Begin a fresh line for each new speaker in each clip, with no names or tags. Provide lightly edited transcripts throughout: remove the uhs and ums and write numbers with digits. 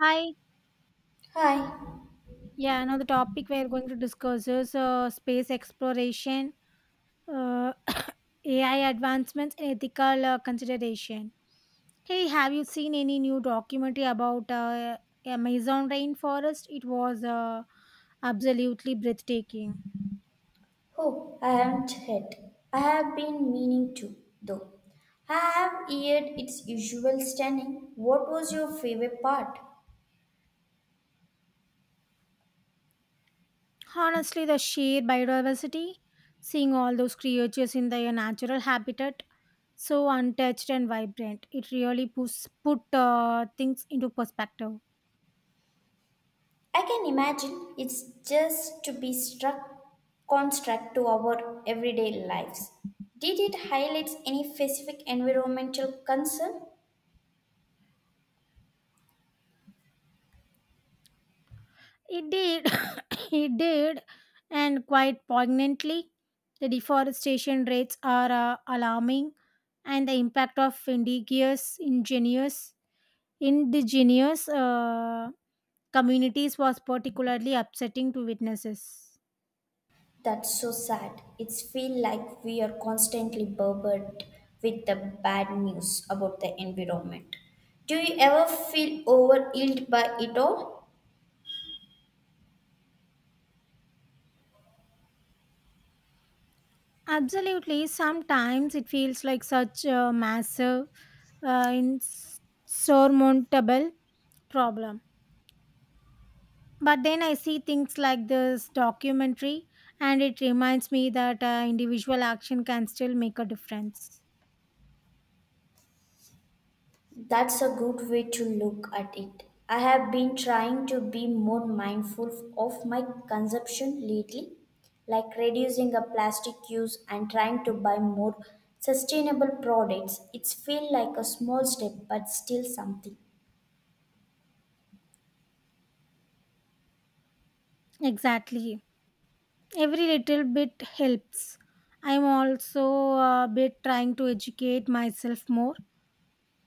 Hi.
Hi.
Yeah, now the topic we are going to discuss is space exploration, uh, AI advancements, and ethical consideration. Hey, have you seen any new documentary about Amazon rainforest? It was absolutely breathtaking.
Oh, I haven't yet. I have been meaning to, though. I have heard its usual standing. What was your favorite part?
Honestly, the sheer biodiversity, seeing all those creatures in their natural habitat, so untouched and vibrant, it really put things into perspective.
I can imagine it's just to be struck construct to our everyday lives. Did it highlight any specific environmental concern?
It did. It did. And quite poignantly, the deforestation rates are alarming, and the impact of indigenous communities was particularly upsetting to witnesses.
That's so sad. It's feel like we are constantly burdened with the bad news about the environment. Do you ever feel overwhelmed by it all?
Absolutely. Sometimes it feels like such a insurmountable problem. But then I see things like this documentary, and it reminds me that individual action can still make a difference.
That's a good way to look at it. I have been trying to be more mindful of my consumption lately, like reducing the plastic use and trying to buy more sustainable products. It's feel like a small step but still something.
Exactly. Every little bit helps. I'm also a bit trying to educate myself more,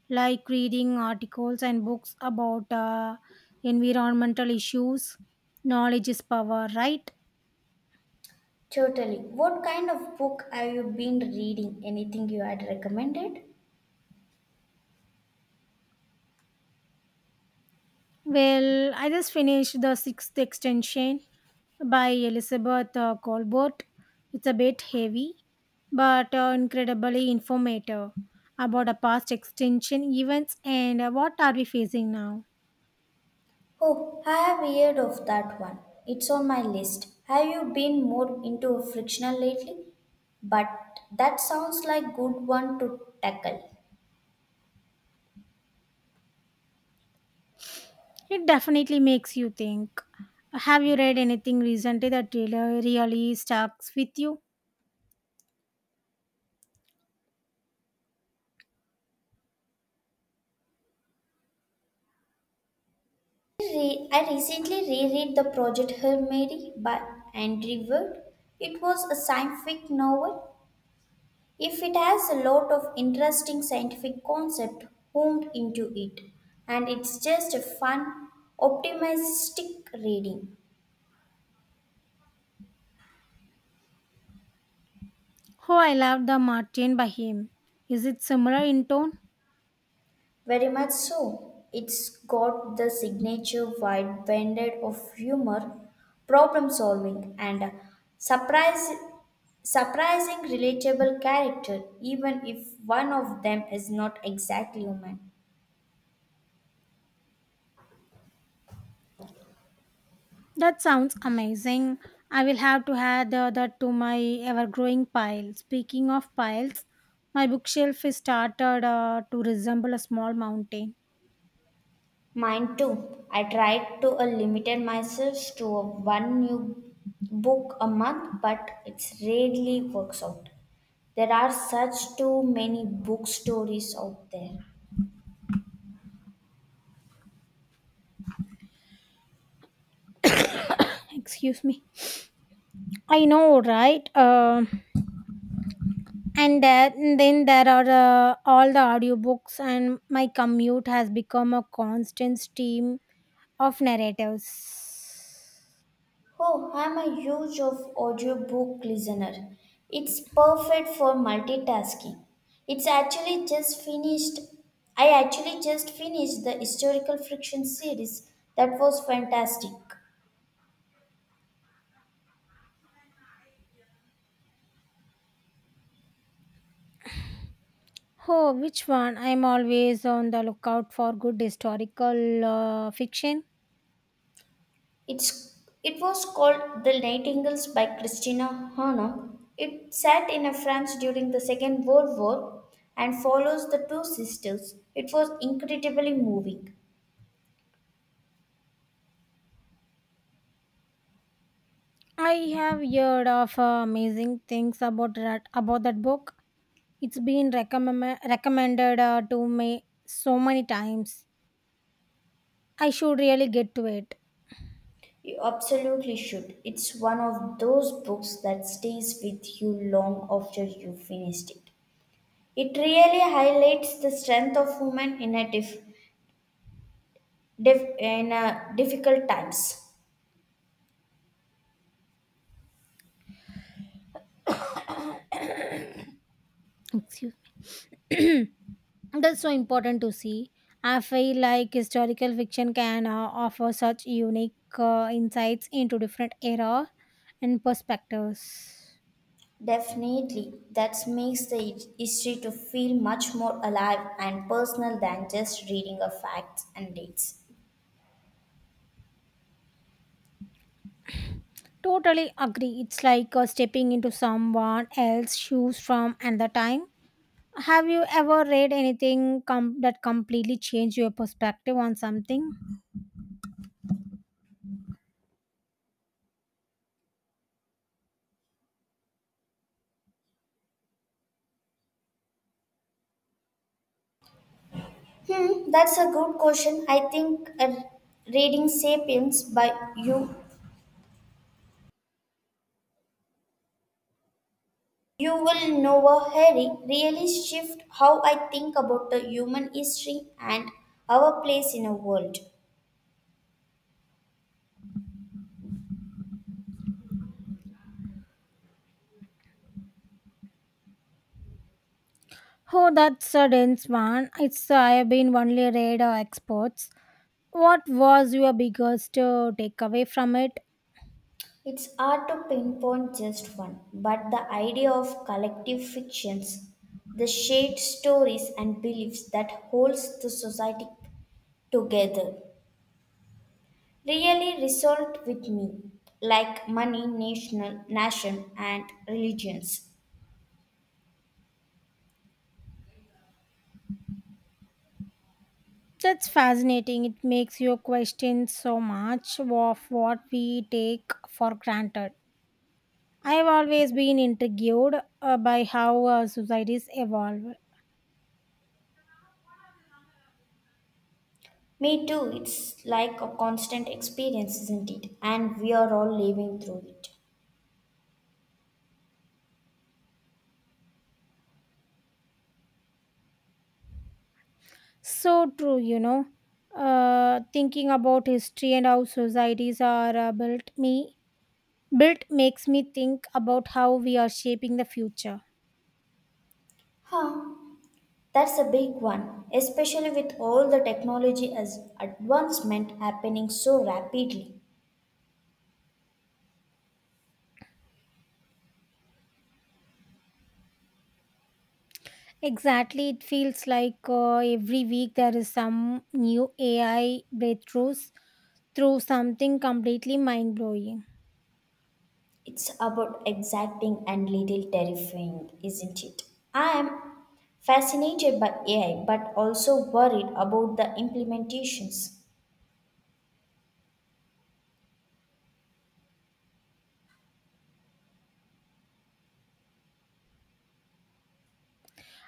like reading articles and books about environmental issues. Knowledge is power, right?
Totally. What kind of book have you been reading? Anything you had recommended?
Well, I just finished the sixth extension by Elizabeth Colbert. It's a bit heavy, but incredibly informative about the past extension events and what are we facing now.
Oh, I have heard of that one. It's on my list. Have you been more into fictional lately? But that sounds like good one to tackle.
It definitely makes you think. Have you read anything recently that really sticks with you?
I recently reread The Project Hail Mary by Andrew Ward. It was a science fiction novel. If it has a lot of interesting scientific concept homed into it, and it's just a fun, optimistic reading.
Oh, I love the Martin by him. Is it similar in tone?
Very much so. It's got the signature wide banded of humor, problem solving, and a surprise, surprising relatable character, even if one of them is not exactly human.
That sounds amazing. I will have to add that to my ever growing pile. Speaking of piles, my bookshelf is started to resemble a small mountain.
Mine too. I tried to limit myself to one new book a month, but it rarely works out. There are such too many book stories out there.
Excuse me. I know, right? And then there are all the audiobooks, and my commute has become a constant stream of narratives.
Oh, I'm a huge of audiobook listener. It's perfect for multitasking. It's actually just finished I actually just finished the historical fiction series. That was fantastic.
Oh, which one? I'm always on the lookout for good historical fiction.
It's it was called The Nightingales by Christina Hanna. It sat in a France during the Second World War and follows the two sisters. It was incredibly moving.
I have heard of amazing things about that book. It's been recommended to me so many times. I should really get to it.
You absolutely should. It's one of those books that stays with you long after you finished it. It really highlights the strength of women in a in a difficult times.
Excuse. That's so important to see. I feel like historical fiction can offer such unique insights into different era and perspectives.
Definitely, that makes the history to feel much more alive and personal than just reading of facts and dates.
Totally agree. It's like stepping into someone else's shoes from another time. Have you ever read that completely changed your perspective on something?
Hmm, that's a good question. I think reading *Sapiens* by you will Noah Harry really shift how I think about the human history and our place in a world.
Oh, that's a dense one. It's I have been only read exports. What was your biggest takeaway from it?
It's hard to pinpoint just one, but the idea of collective fictions, the shared stories and beliefs that holds the society together, really resonate with me, like money, nation, and religions.
That's fascinating. It makes you question so much of what we take for granted. I have always been intrigued by how societies evolve.
Me too, it's like a constant experience, isn't it? And we are all living through it.
So true, you know. Thinking about history and how societies are built makes me think about how we are shaping the future.
Huh. That's a big one, especially with all the technology as advancement happening so rapidly.
Exactly, it feels like every week there is some new AI breakthroughs through something completely mind blowing.
It's about exacting and little terrifying, isn't it? I am fascinated by AI but also worried about the implementations.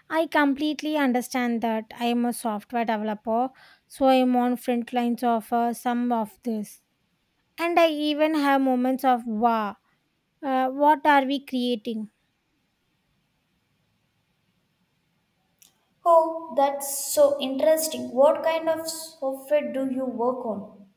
I completely understand that I am a software developer, so I am on front lines of some of this, and I even have moments of wow. What are we creating?
Oh, that's so interesting. What kind of software do you work on?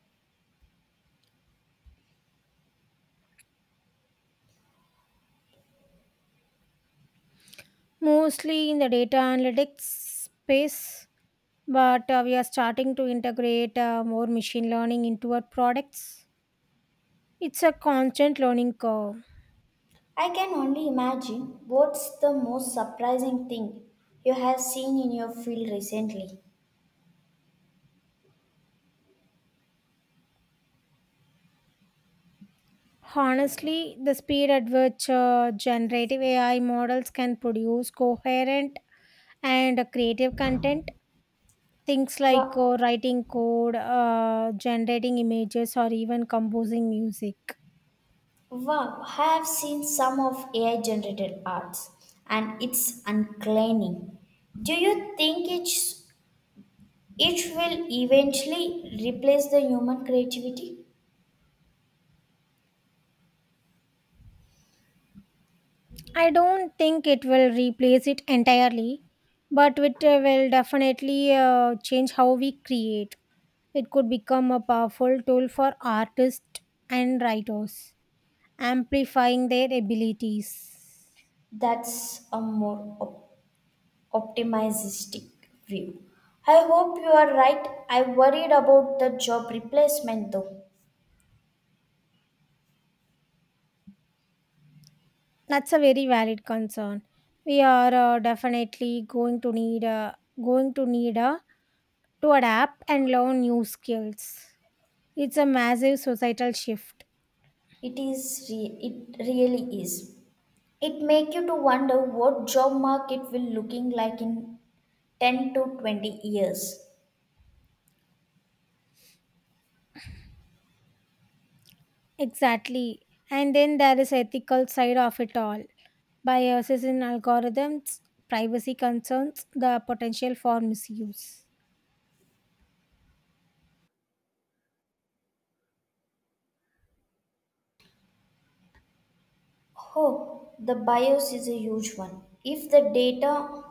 Mostly in the data analytics space, but we are starting to integrate more machine learning into our products. It's a constant learning curve.
I can only imagine what's the most surprising thing you have seen in your field recently.
Honestly, the speed at which generative AI models can produce coherent and creative content, things like
Wow,
writing code, generating images, or even composing music.
wow, I have seen some of AI generated arts and it's uncanny. Do you think it will eventually replace the human creativity.
I don't think it will replace it entirely, but it will definitely change how we create. It could become a powerful tool for artists and writers, amplifying their abilities.
That's a more optimistic view. I hope you are right. I worried about the job replacement though.
That's a very valid concern. We are definitely going to need a, going to need a, to adapt and learn new skills. It's a massive societal shift.
It is it really is. It make you to wonder what job market will looking like in 10 to 20 years.
Exactly. And then there is ethical side of it all by assessing algorithms, privacy concerns, the potential for misuse.
Oh, the bias is a huge one. If the data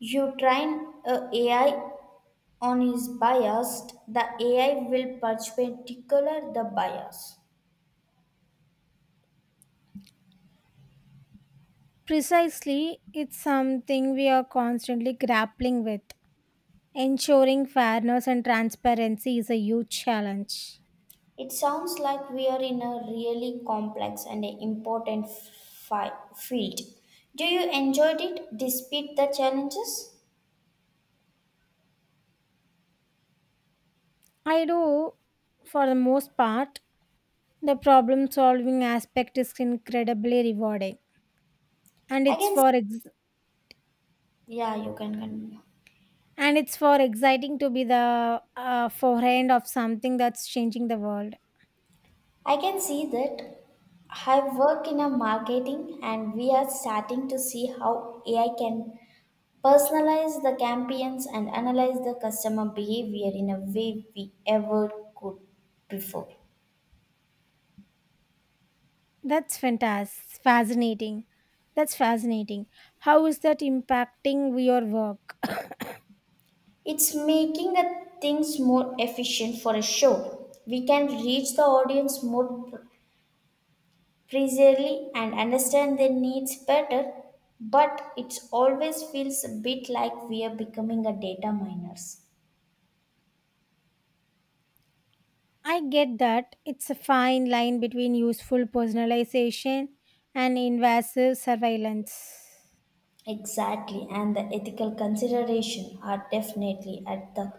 you train a AI on is biased, the AI will perpendicular the bias.
Precisely, it's something we are constantly grappling with. Ensuring fairness and transparency is a huge challenge.
It sounds like we are in a really complex and important field. Do you enjoyed it despite the challenges?
I do, for the most part, the problem solving aspect is incredibly rewarding, and
I
it's
can,
for ex-
yeah, you can continue.
and it's for exciting to be the forehand of something that's changing the world.
I can see that I work in a marketing and we are starting to see how AI can personalize the campaigns and analyze the customer behavior in a way we ever could before.
That's fantastic. Fascinating. That's fascinating. How is that impacting your work?
It's making the things more efficient for a show. We can reach the audience more precisely and understand their needs better, but it always feels a bit like we are becoming a data miners.
I get that it's a fine line between useful personalization and invasive surveillance.
Exactly, and the ethical consideration are definitely at the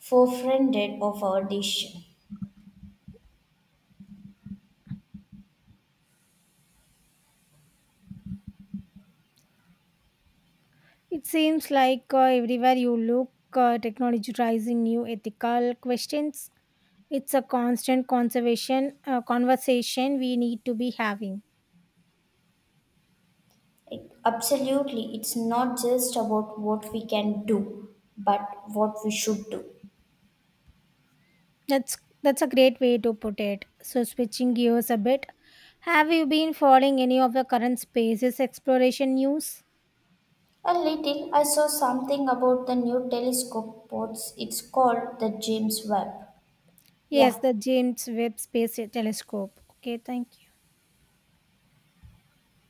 forefront of our decision.
It seems like everywhere you look, technology raising new ethical questions. It's a constant conservation conversation we need to be having.
Absolutely, it's not just about what we can do, but what we should do.
That's that's a great way to put it. So switching gears a bit, have you been following any of the current spaces exploration news?
A little, I saw something about the new telescope pods. It's called the James Webb. Yeah,
Yes, the James Webb Space Telescope. Okay, thank you.